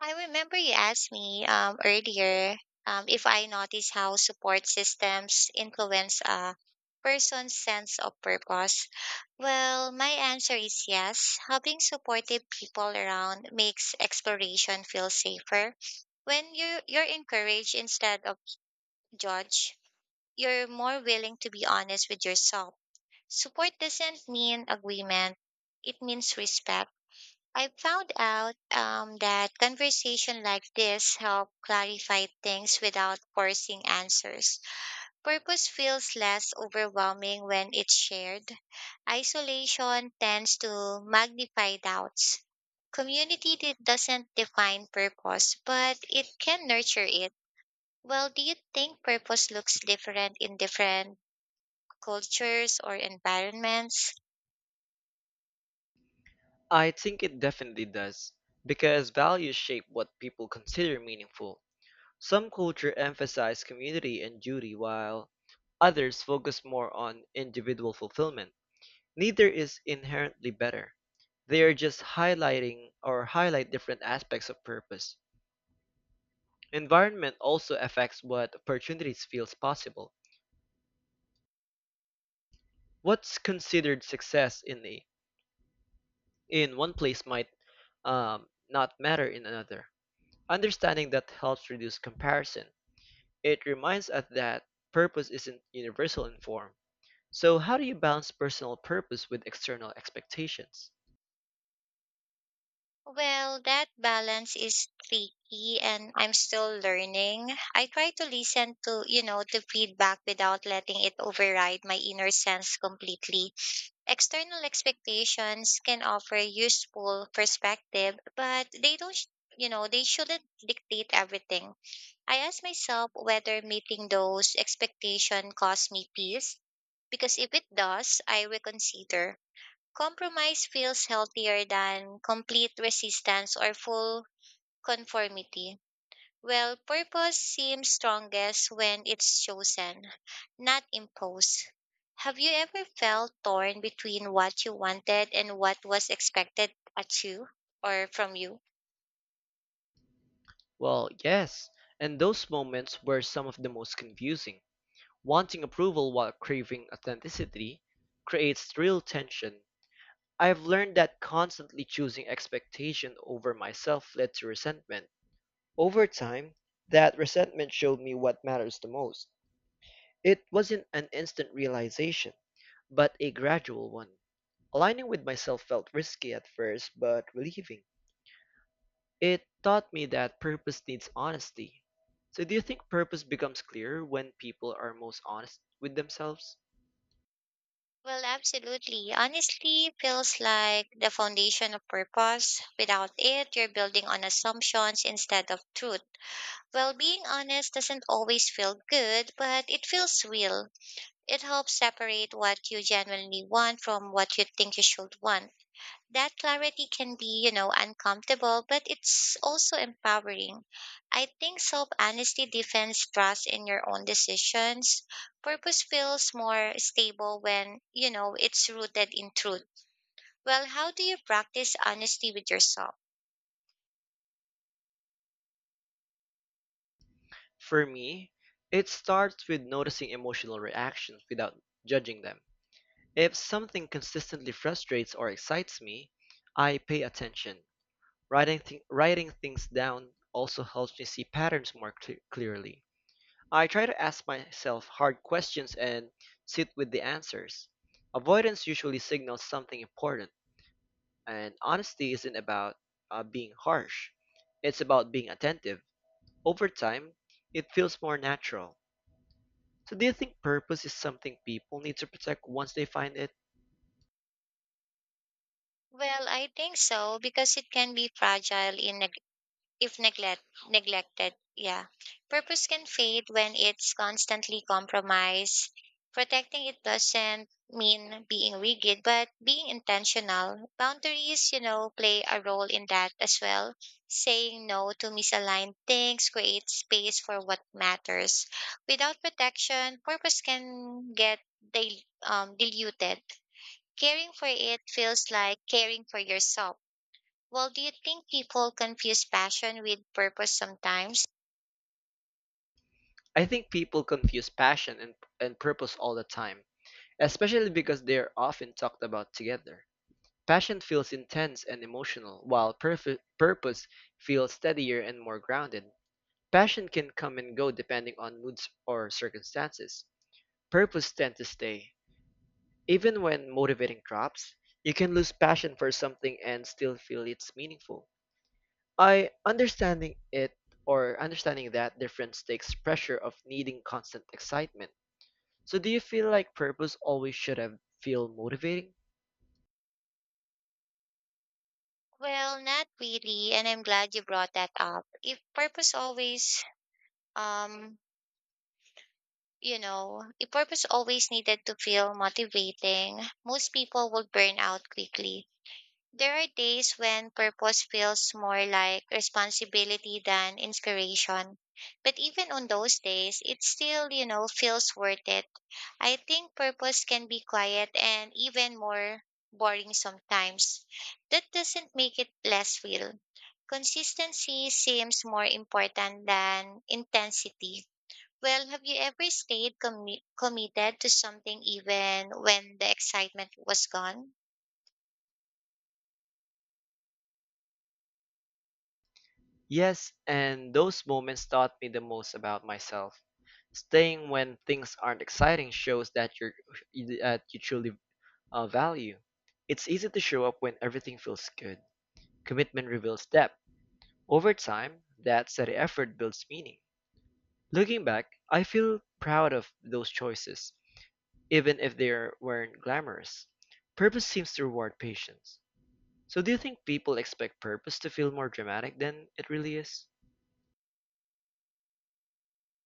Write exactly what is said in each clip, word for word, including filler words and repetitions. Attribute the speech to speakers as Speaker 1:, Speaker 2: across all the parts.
Speaker 1: I remember you asked me um, earlier um, if I notice how support systems influence a person's sense of purpose. Well, my answer is yes. Having supportive people around makes exploration feel safer. When you you're encouraged instead of judged, you're more willing to be honest with yourself. Support doesn't mean agreement; it means respect. I found out um, that conversation like this help clarify things without forcing answers. Purpose feels less overwhelming when it's shared. Isolation tends to magnify doubts. Community di- doesn't define purpose, but it can nurture it. Well, do you think purpose looks different in different cultures or environments?
Speaker 2: I think it definitely does, because values shape what people consider meaningful. Some cultures emphasize community and duty, while others focus more on individual fulfillment. Neither is inherently better. They are just highlighting or highlight different aspects of purpose. Environment also affects what opportunities feels possible. What's considered success in a, in one place might um, not matter in another. Understanding that helps reduce comparison. It reminds us that purpose isn't universal in form. So, how do you balance personal purpose with external expectations?
Speaker 1: Well, that balance is tricky and I'm still learning. I try to listen to, you know, to feedback without letting it override my inner sense completely. External expectations can offer useful perspective, but they don't, sh- you know, they shouldn't dictate everything. I ask myself whether meeting those expectations costs me peace, because if it does, I reconsider. Compromise feels healthier than complete resistance or full conformity. Well, purpose seems strongest when it's chosen, not imposed. Have you ever felt torn between what you wanted and what was expected at you or from you?
Speaker 2: Well, yes, and those moments were some of the most confusing. Wanting approval while craving authenticity creates real tension. I've learned that constantly choosing expectation over myself led to resentment. Over time, that resentment showed me what matters the most. It wasn't an instant realization, but a gradual one. Aligning with myself felt risky at first, but relieving. It taught me that purpose needs honesty. So, do you think purpose becomes clearer when people are most honest with themselves?
Speaker 1: Well, absolutely. Honestly, feels like the foundation of purpose. Without it, you're building on assumptions instead of truth. Well, being honest doesn't always feel good, but it feels real. It helps separate what you genuinely want from what you think you should want. That clarity can be, you know, uncomfortable, but it's also empowering. I think self honesty defends trust in your own decisions. Purpose feels more stable when, you know, it's rooted in truth. Well, how do you practice honesty with yourself?
Speaker 2: For me, it starts with noticing emotional reactions without judging them. If something consistently frustrates or excites me, I pay attention. Writing, th- writing things down also helps me see patterns more cle- clearly. I try to ask myself hard questions and sit with the answers. Avoidance usually signals something important, and honesty isn't about uh, being harsh, it's about being attentive. Over time, it feels more natural. So, do you think purpose is something people need to protect once they find it?
Speaker 1: Well, I think so because it can be fragile in if neglect neglected. Yeah, purpose can fade when it's constantly compromised. Protecting it doesn't mean being rigid but being intentional. Boundaries, you know play a role in that as well. Saying no to misaligned things creates space for what matters. Without protection purpose can get dil- um, diluted. Caring for it feels like caring for yourself. Well, do you think people confuse passion with purpose sometimes?
Speaker 2: I think people confuse passion and, and purpose all the time, especially because they're often talked about together. Passion feels intense and emotional, while purf- purpose feels steadier and more grounded. Passion can come and go depending on moods or circumstances. Purpose tends to stay. Even when motivating drops, you can lose passion for something and still feel it's meaningful. I understanding it or understanding that difference takes pressure of needing constant excitement. So do you feel like purpose always should have feel motivating?
Speaker 1: Well, not really, and I'm glad you brought that up. If purpose always, um, you know, if purpose always needed to feel motivating, most people would burn out quickly. There are days when purpose feels more like responsibility than inspiration. But even on those days, it still, you know, feels worth it. I think purpose can be quiet and even more boring sometimes. That doesn't make it less real. Consistency seems more important than intensity. Well, have you ever stayed commi- committed to something even when the excitement was gone?
Speaker 2: Yes, and those moments taught me the most about myself. Staying when things aren't exciting shows that you're that you truly uh, value. It's easy to show up when everything feels good. Commitment reveals depth. Over time, that steady effort builds meaning. Looking back, I feel proud of those choices, even if they are- weren't glamorous. Purpose seems to reward patience. So, do you think people expect purpose to feel more dramatic than it really is?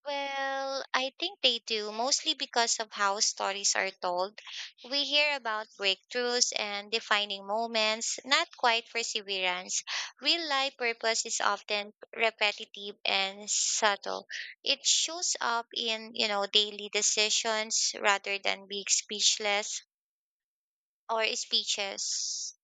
Speaker 1: Well, I think they do, mostly because of how stories are told. We hear about breakthroughs and defining moments, not quite perseverance. Real life purpose is often repetitive and subtle. It shows up in, you know, daily decisions rather than big speechless or speeches.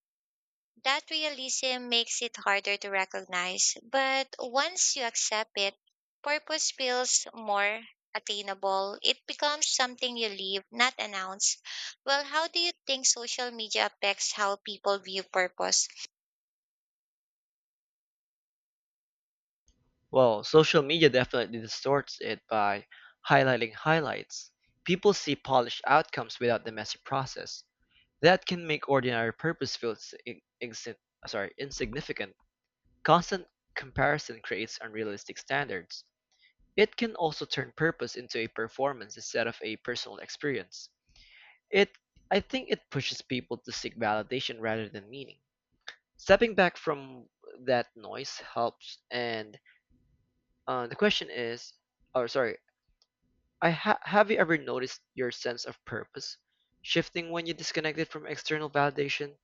Speaker 1: That realism makes it harder to recognize, but once you accept it, purpose feels more attainable. It becomes something you live, not announce. Well, how do you think social media affects how people view purpose?
Speaker 2: Well, social media definitely distorts it by highlighting highlights. People see polished outcomes without the messy process. That can make ordinary purpose feel s- in- insin- sorry, insignificant. Constant comparison creates unrealistic standards. It can also turn purpose into a performance instead of a personal experience. It I think it pushes people to seek validation rather than meaning. Stepping back from that noise helps, and uh, the question is or sorry I ha- have you ever noticed your sense of purpose shifting when you disconnect it from external validation?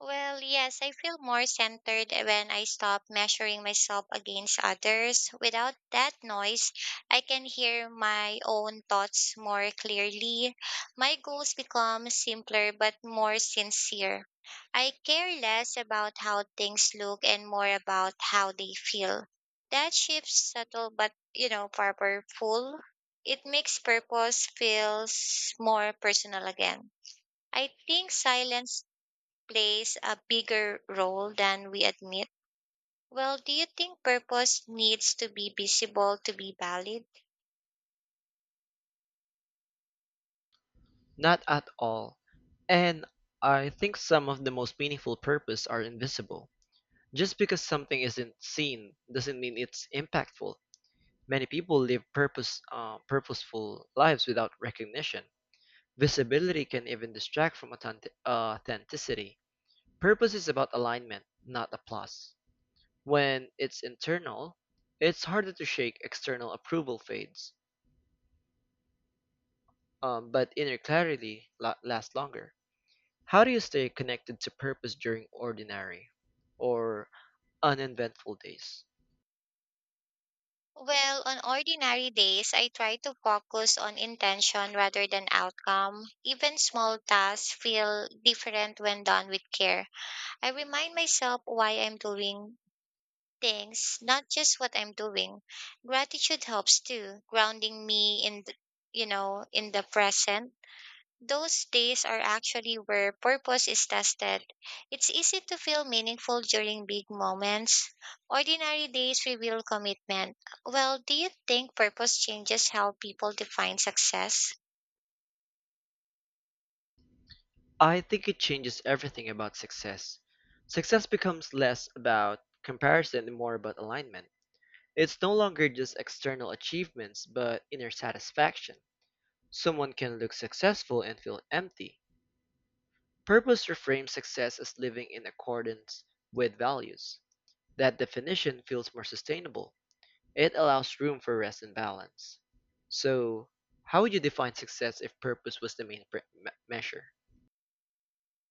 Speaker 1: Well, yes, I feel more centered when I stop measuring myself against others. Without that noise, I can hear my own thoughts more clearly. My goals become simpler but more sincere. I care less about how things look and more about how they feel. That shift subtle but, you know, powerful. It makes purpose feels more personal again. I think silence plays a bigger role than we admit. Well, do you think purpose needs to be visible to be valid?
Speaker 2: Not at all. And I think some of the most meaningful purpose are invisible. Just because something isn't seen doesn't mean it's impactful. Many people live purpose, uh, purposeful lives without recognition. Visibility can even distract from authentic- uh, authenticity. Purpose is about alignment, not applause. When it's internal, it's harder to shake external approval fades, um, but inner clarity la- lasts longer. How do you stay connected to purpose during ordinary or uneventful days?
Speaker 1: Well, on ordinary days, I try to focus on intention rather than outcome. Even small tasks feel different when done with care. I remind myself why I'm doing things, not just what I'm doing. Gratitude helps too, grounding me in the, you know, in the present. Those days are actually where purpose is tested. It's easy to feel meaningful during big moments. Ordinary days reveal commitment. Well, do you think purpose changes how people define success?
Speaker 2: I think it changes everything about success. Success becomes less about comparison and more about alignment. It's no longer just external achievements, but inner satisfaction. Someone can look successful and feel empty. Purpose reframes success as living in accordance with values. That definition feels more sustainable. It allows room for rest and balance. So, how would you define success if purpose was the main pre- me- measure?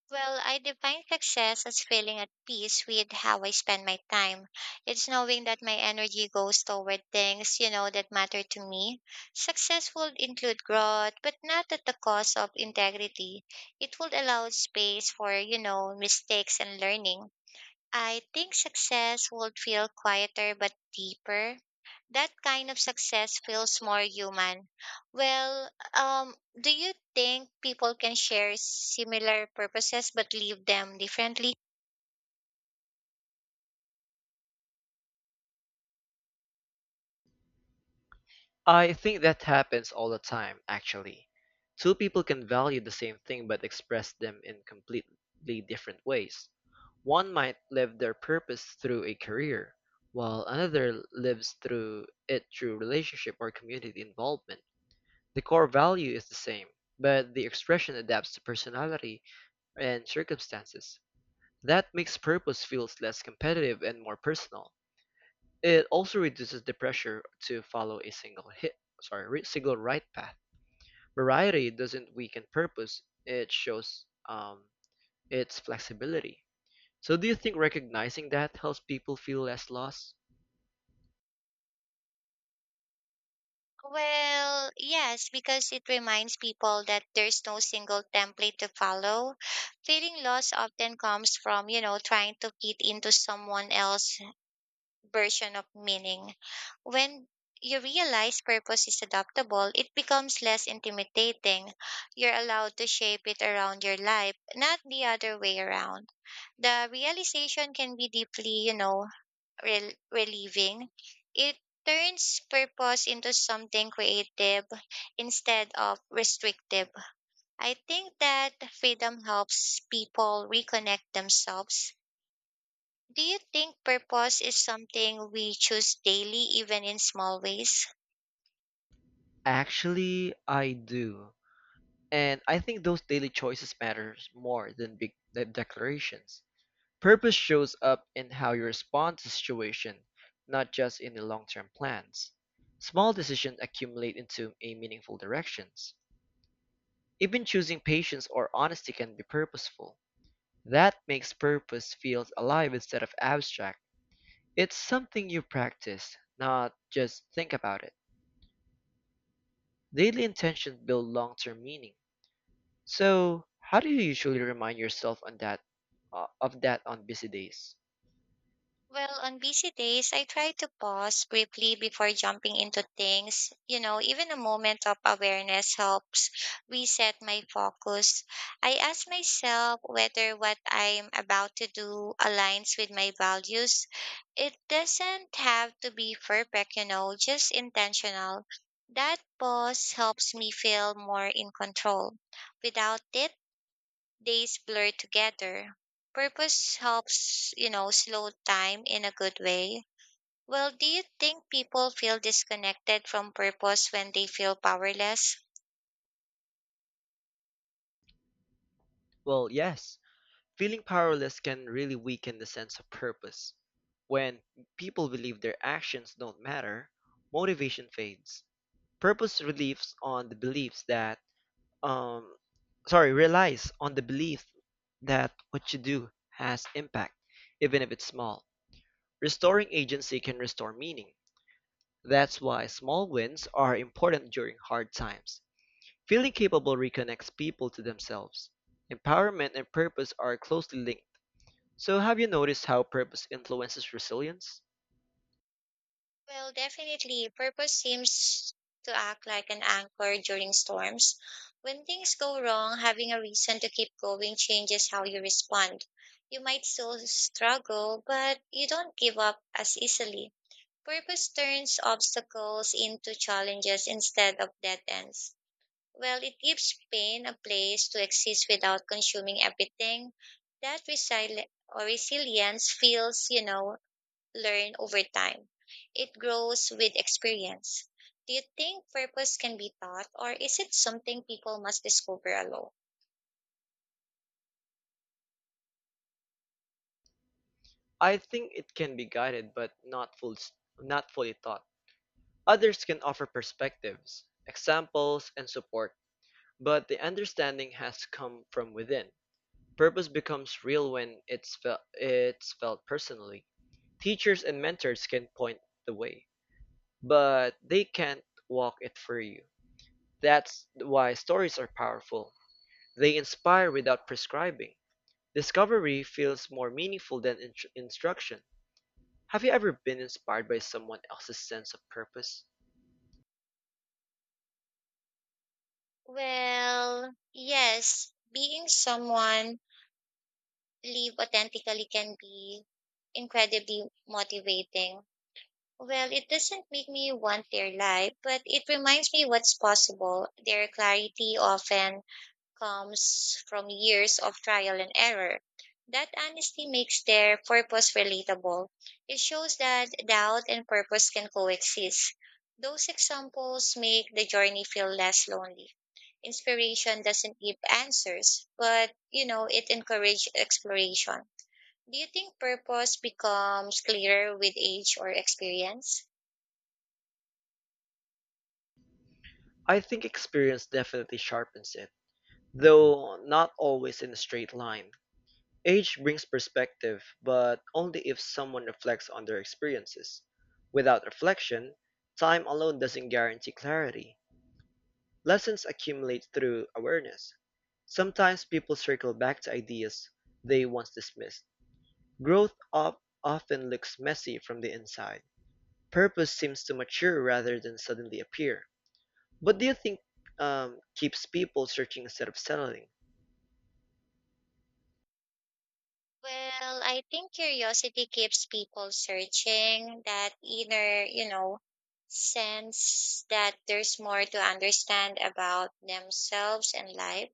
Speaker 1: Well, I define success as feeling at peace with how I spend my time. It's knowing that my energy goes toward things, you know, that matter to me. Success would include growth, but not at the cost of integrity. It would allow space for, you know, mistakes and learning. I think success would feel quieter but deeper. That kind of success feels more human. Well, um, do you think people can share similar purposes but live them differently?
Speaker 2: I think that happens all the time, actually. Two people can value the same thing but express them in completely different ways. One might live their purpose through a career, while another lives through it through relationship or community involvement. The core value is the same, but the expression adapts to personality and circumstances. That makes purpose feels less competitive and more personal. It also reduces the pressure to follow a single hit, sorry, ri- single right path. Variety doesn't weaken purpose; it shows um, its flexibility. So, do you think recognizing that helps people feel less lost?
Speaker 1: Well, yes, because it reminds people that there's no single template to follow. Feeling lost often comes from, you know, trying to fit into someone else version of meaning. When you realize purpose is adaptable, it becomes less intimidating. You're allowed to shape it around your life, not the other way around. The realization can be deeply, you know, rel- relieving. It turns purpose into something creative instead of restrictive. I think that freedom helps people reconnect themselves. Do you think purpose is something we choose daily, even in small ways?
Speaker 2: Actually, I do. And I think those daily choices matters more than big de- declarations. Purpose shows up in how you respond to situation, not just in the long-term plans. Small decisions accumulate into a meaningful directions. Even choosing patience or honesty can be purposeful. That makes purpose feel alive instead of abstract. It's something you practice, not just think about it. Daily intentions build long-term meaning. So, how do you usually remind yourself on that uh, of that on busy days?
Speaker 1: Well, on busy days, I try to pause briefly before jumping into things. You know, even a moment of awareness helps reset my focus. I ask myself whether what I'm about to do aligns with my values. It doesn't have to be perfect, you know, just intentional. That pause helps me feel more in control. Without it, days blur together. Purpose helps, you know, slow time in a good way. Well, do you think people feel disconnected from purpose when they feel powerless?
Speaker 2: Well, yes. Feeling powerless can really weaken the sense of purpose. When people believe their actions don't matter, motivation fades. Purpose relies on the beliefs that um sorry, relies on the belief that what you do has impact, even if it's small. Restoring agency can restore meaning. That's why small wins are important during hard times. Feeling capable reconnects people to themselves. Empowerment and purpose are closely linked. So, have you noticed how purpose influences resilience?
Speaker 1: Well, definitely. Purpose seems to act like an anchor during storms. When things go wrong, having a reason to keep going changes how you respond. You might still struggle, but you don't give up as easily. Purpose turns obstacles into challenges instead of dead ends. Well, it gives pain a place to exist without consuming everything. That resili- or resilience feels, you know, learned over time. It grows with experience. Do you think purpose can be taught, or is it something people must discover alone?
Speaker 2: I think it can be guided but not full, not fully taught. Others can offer perspectives, examples, and support, but the understanding has to come from within. Purpose becomes real when it's felt, it's felt personally. Teachers and mentors can point the way, but they can't walk it for you. That's why stories are powerful. They inspire without prescribing. Discovery feels more meaningful than in- instruction. Have you ever been inspired by someone else's sense of purpose?
Speaker 1: Well, yes, being someone live authentically can be incredibly motivating. Well, it doesn't make me want their life, but it reminds me what's possible. Their clarity often comes from years of trial and error. That honesty makes their purpose relatable. It shows that doubt and purpose can coexist. Those examples make the journey feel less lonely. Inspiration doesn't give answers, but you know, it encourages exploration. Do you think purpose becomes clearer with age or experience?
Speaker 2: I think experience definitely sharpens it, though not always in a straight line. Age brings perspective, but only if someone reflects on their experiences. Without reflection, time alone doesn't guarantee clarity. Lessons accumulate through awareness. Sometimes people circle back to ideas they once dismissed. Growth op- often looks messy from the inside. Purpose seems to mature rather than suddenly appear. What do you think um, keeps people searching instead of settling?
Speaker 1: Well, I think curiosity keeps people searching that inner, you know, sense that there's more to understand about themselves and life.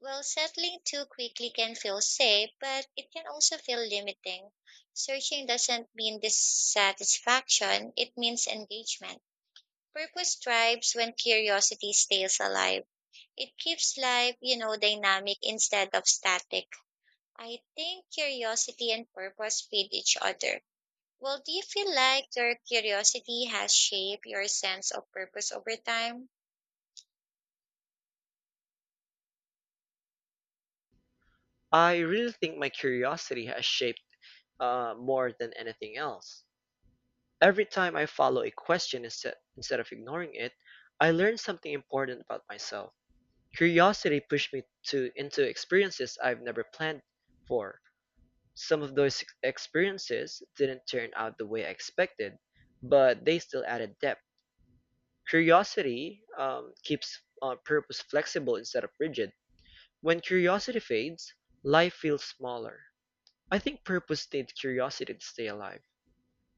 Speaker 1: Well, settling too quickly can feel safe, but it can also feel limiting. Searching doesn't mean dissatisfaction, it means engagement. Purpose thrives when curiosity stays alive. It keeps life, you know, dynamic instead of static. I think curiosity and purpose feed each other. Well, do you feel like your curiosity has shaped your sense of purpose over time?
Speaker 2: I really think my curiosity has shaped uh, more than anything else. Every time I follow a question instead, instead of ignoring it, I learn something important about myself. Curiosity pushed me to into experiences I've never planned for. Some of those ex- experiences didn't turn out the way I expected, but they still added depth. Curiosity um, keeps uh, purpose flexible instead of rigid. When curiosity fades, life feels smaller. I think purpose needs curiosity to stay alive.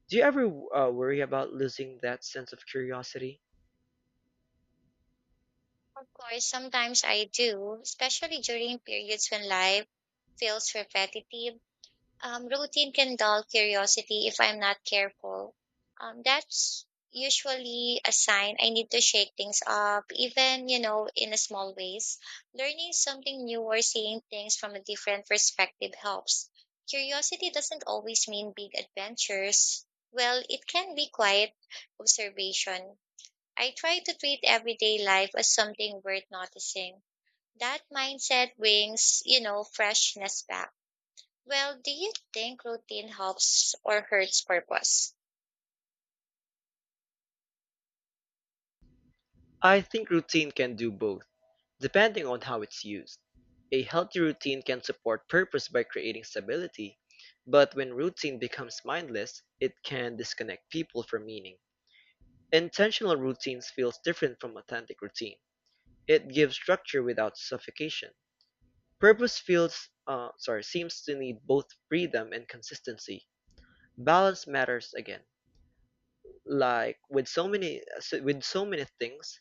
Speaker 2: Do you ever uh, worry about losing that sense of curiosity?
Speaker 1: Of course, sometimes I do, especially during periods when life feels repetitive. Um, routine can dull curiosity if I'm not careful. Um, that's usually a sign I need to shake things up, even, you know, in a small ways. Learning something new or seeing things from a different perspective helps. Curiosity doesn't always mean big adventures. Well, it can be quiet observation. I try to treat everyday life as something worth noticing. That mindset brings, you know, freshness back. Well, do you think routine helps or hurts purpose?
Speaker 2: I think routine can do both. Depending on how it's used, a healthy routine can support purpose by creating stability, but when routine becomes mindless, it can disconnect people from meaning. Intentional routines feels different from authentic routine. It gives structure without suffocation. Purpose feels uh, sorry, seems to need both freedom and consistency. Balance matters again. Like with so many uh, so- with so many things.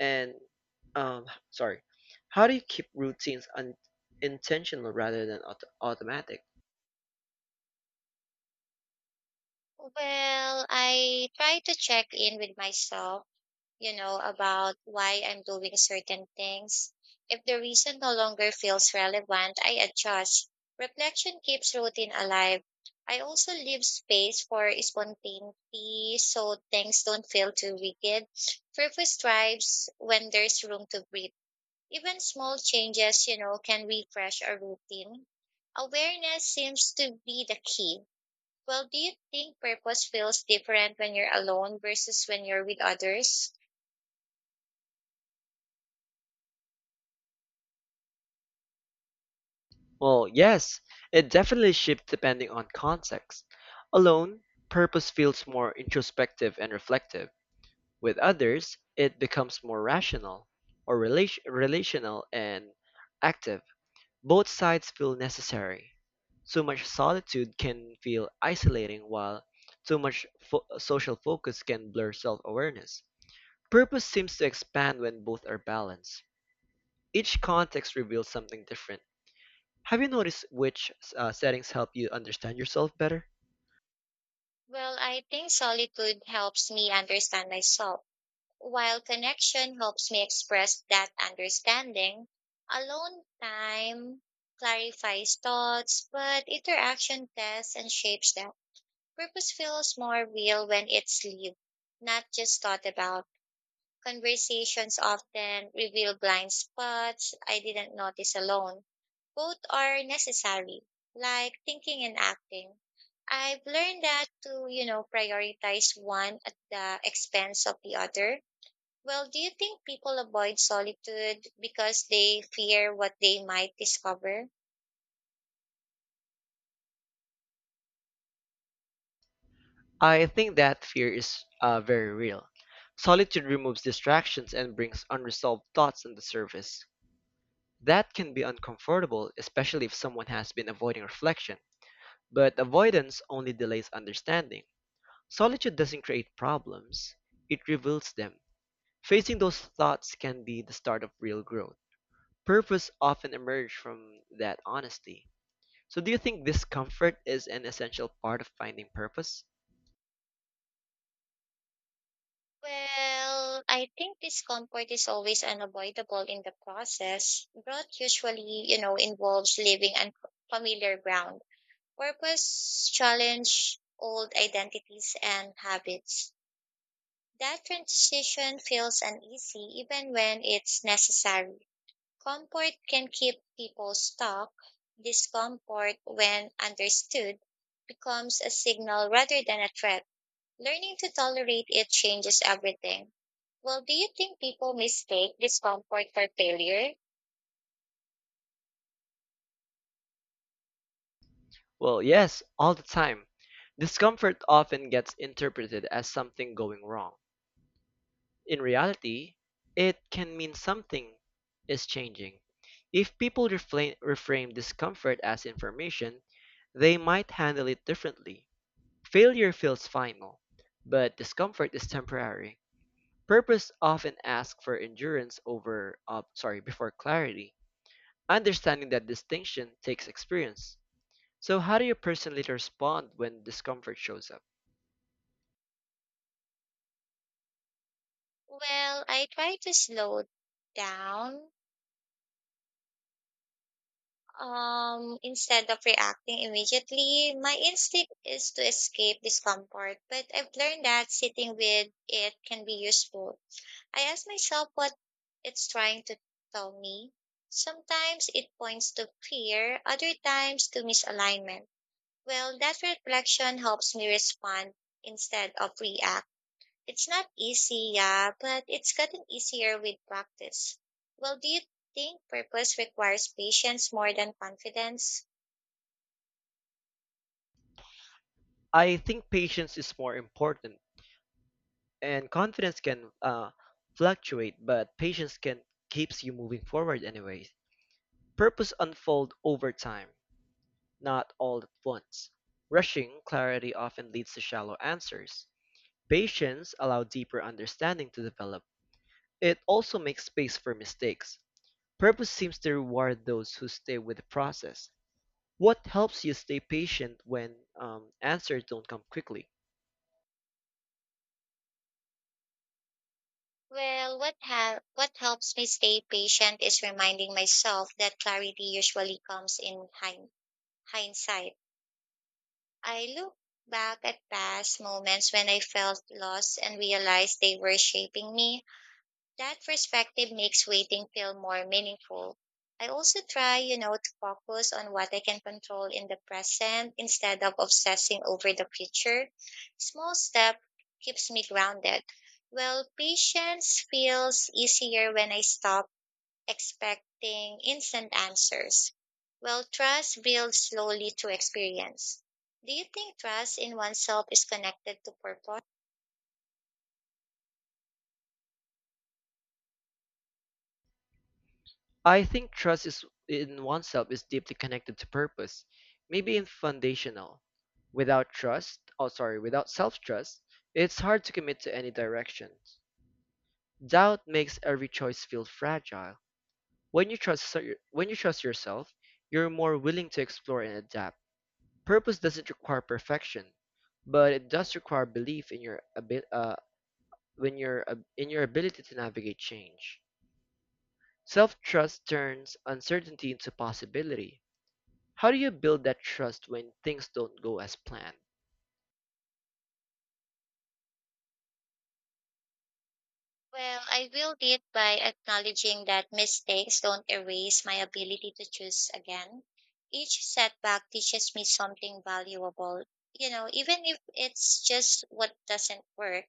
Speaker 2: And um, sorry, how do you keep routines un- intentional rather than auto- automatic?
Speaker 1: Well, I try to check in with myself, you know, about why I'm doing certain things. If the reason no longer feels relevant, I adjust. Reflection keeps routine alive. I also leave space for spontaneity so things don't feel too rigid. Purpose thrives when there's room to breathe. Even small changes, you know, can refresh our routine. Awareness seems to be the key. Well, do you think purpose feels different when you're alone versus when you're with others?
Speaker 2: Well, yes, it definitely shifts depending on context. Alone, purpose feels more introspective and reflective. With others, it becomes more rational or relat- relational and active. Both sides feel necessary. Too much solitude can feel isolating, while too much fo- social focus can blur self awareness. Purpose seems to expand when both are balanced. Each context reveals something different. Have you noticed which uh, settings help you understand yourself better?
Speaker 1: Well, I think solitude helps me understand myself, while connection helps me express that understanding. Alone time clarifies thoughts, but interaction tests and shapes them. Purpose feels more real when it's lived, not just thought about. Conversations often reveal blind spots I didn't notice alone. Both are necessary, like thinking and acting. I've learned that to, you know, prioritize one at the expense of the other. Well, do you think people avoid solitude because they fear what they might discover?
Speaker 2: I think that fear is uh, very real. Solitude removes distractions and brings unresolved thoughts on the surface. That can be uncomfortable, especially if someone has been avoiding reflection. But avoidance only delays understanding. Solitude doesn't create problems, it reveals them. Facing those thoughts can be the start of real growth. Purpose often emerge from that honesty. So do you think discomfort is an essential part of finding purpose?
Speaker 1: Well, I think discomfort is always unavoidable in the process. Growth usually, you know, involves leaving unfamiliar ground. Purpose challenge old identities and habits. That transition feels uneasy even when it's necessary. Comfort can keep people stuck. Discomfort, when understood, becomes a signal rather than a threat. Learning to tolerate it changes everything. Well, do you think people mistake discomfort for failure?
Speaker 2: Well, yes, all the time. Discomfort often gets interpreted as something going wrong. In reality, it can mean something is changing. If people refla- reframe discomfort as information, they might handle it differently. Failure feels final, but discomfort is temporary. Purpose often asks for endurance over, uh, sorry, before clarity. Understanding that distinction takes experience. So, how do you personally respond when discomfort shows up?
Speaker 1: Well, I try to slow down. Um, instead of reacting immediately, my instinct is to escape discomfort, but I've learned that sitting with it can be useful. I ask myself what it's trying to tell me. Sometimes it points to fear, other times to misalignment. Well, that reflection helps me respond instead of react. It's not easy, yeah, but it's gotten easier with practice. Well, do you think purpose requires patience more than confidence?
Speaker 2: I think patience is more important, and confidence can uh, fluctuate, but patience can keeps you moving forward anyway. Purpose unfold over time, not all at once. Rushing clarity often leads to shallow answers. Patience allow deeper understanding to develop. It also makes space for mistakes. Purpose seems to reward those who stay with the process. What helps you stay patient when um, answers don't come quickly?
Speaker 1: Well, what ha- what helps me stay patient is reminding myself that clarity usually comes in hind- hindsight. I look back at past moments when I felt lost and realized they were shaping me. That perspective makes waiting feel more meaningful. I also try, you know, to focus on what I can control in the present instead of obsessing over the future. Small step keeps me grounded. Well, patience feels easier when I stop expecting instant answers. Well, trust builds slowly through experience. Do you think trust in oneself is connected to purpose?
Speaker 2: I think trust is in oneself is deeply connected to purpose, maybe in foundational. Without trust, oh sorry, without self-trust, it's hard to commit to any direction. Doubt makes every choice feel fragile. When you trust so- when you trust yourself, you're more willing to explore and adapt. Purpose doesn't require perfection, but it does require belief in your abi- uh, when your ab- in your ability to navigate change. Self-trust turns uncertainty into possibility. How do you build that trust when things don't go as planned?
Speaker 1: Well, I will it by acknowledging that mistakes don't erase my ability to choose again. Each setback teaches me something valuable. You know, even if it's just what doesn't work,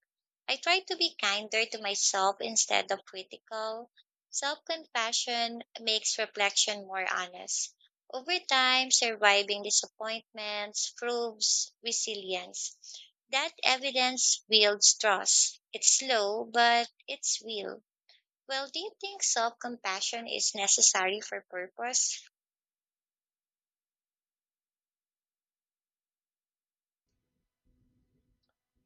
Speaker 1: I try to be kinder to myself instead of critical. Self compassion makes reflection more honest. Over time, surviving disappointments proves resilience. That evidence builds trust. It's slow, but it's real. Well, do you think self compassion is necessary for purpose?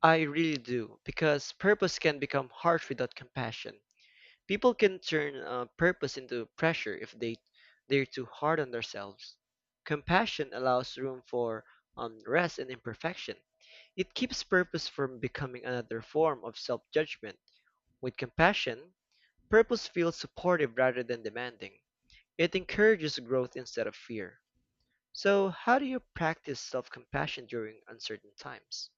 Speaker 2: I really do, because purpose can become harsh without compassion. People can turn uh, purpose into pressure if they they're too hard on themselves. Compassion allows room for um, rest and imperfection. It keeps purpose from becoming another form of self-judgment. With compassion, purpose feels supportive rather than demanding. It encourages growth instead of fear. So, how do you practice self-compassion during uncertain times?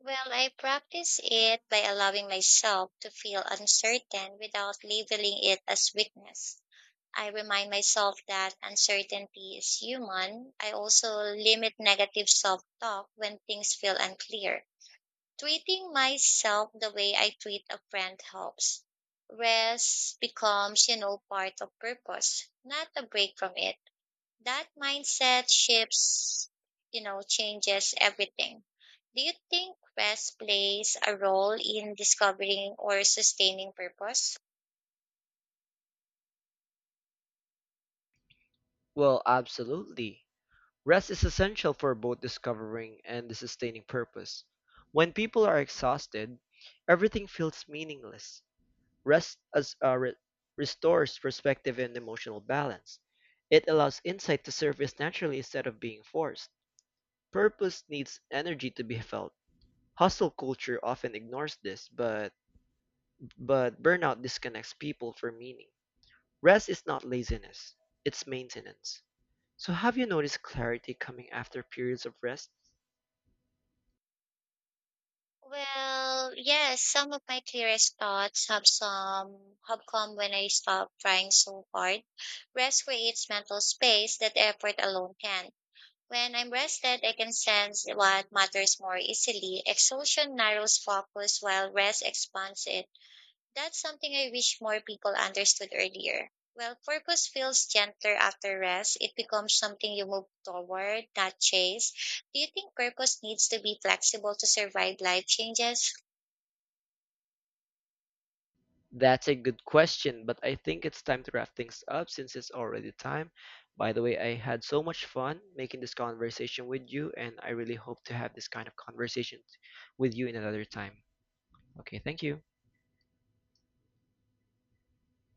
Speaker 1: Well, I practice it by allowing myself to feel uncertain without labeling it as weakness. I remind myself that uncertainty is human. I also limit negative self talk when things feel unclear. Treating myself the way I treat a friend helps. Rest becomes, you know, part of purpose, not a break from it. That mindset shifts, you know, changes everything. Do you think rest plays a role in discovering or sustaining purpose?
Speaker 2: Well, absolutely. Rest is essential for both discovering and the sustaining purpose. When people are exhausted, everything feels meaningless. Rest as, uh, re- restores perspective and emotional balance. It allows insight to surface naturally instead of being forced. Purpose needs energy to be felt. Hustle culture often ignores this, but but burnout disconnects people from meaning. Rest is not laziness; it's maintenance. So, have you noticed clarity coming after periods of rest?
Speaker 1: Well, yes, some of my clearest thoughts have some have come when I stopped trying so hard. Rest creates mental space that effort alone can. When I'm rested, I can sense what matters more easily. Exhaustion narrows focus while rest expands it. That's something I wish more people understood earlier. Well, purpose feels gentler after rest. It becomes something you move toward, not chase. Do you think purpose needs to be flexible to survive life changes?
Speaker 2: That's a good question, but I think it's time to wrap things up since it's already time. By the way, I had so much fun making this conversation with you, and I really hope to have this kind of conversation with you in another time. Okay, thank you.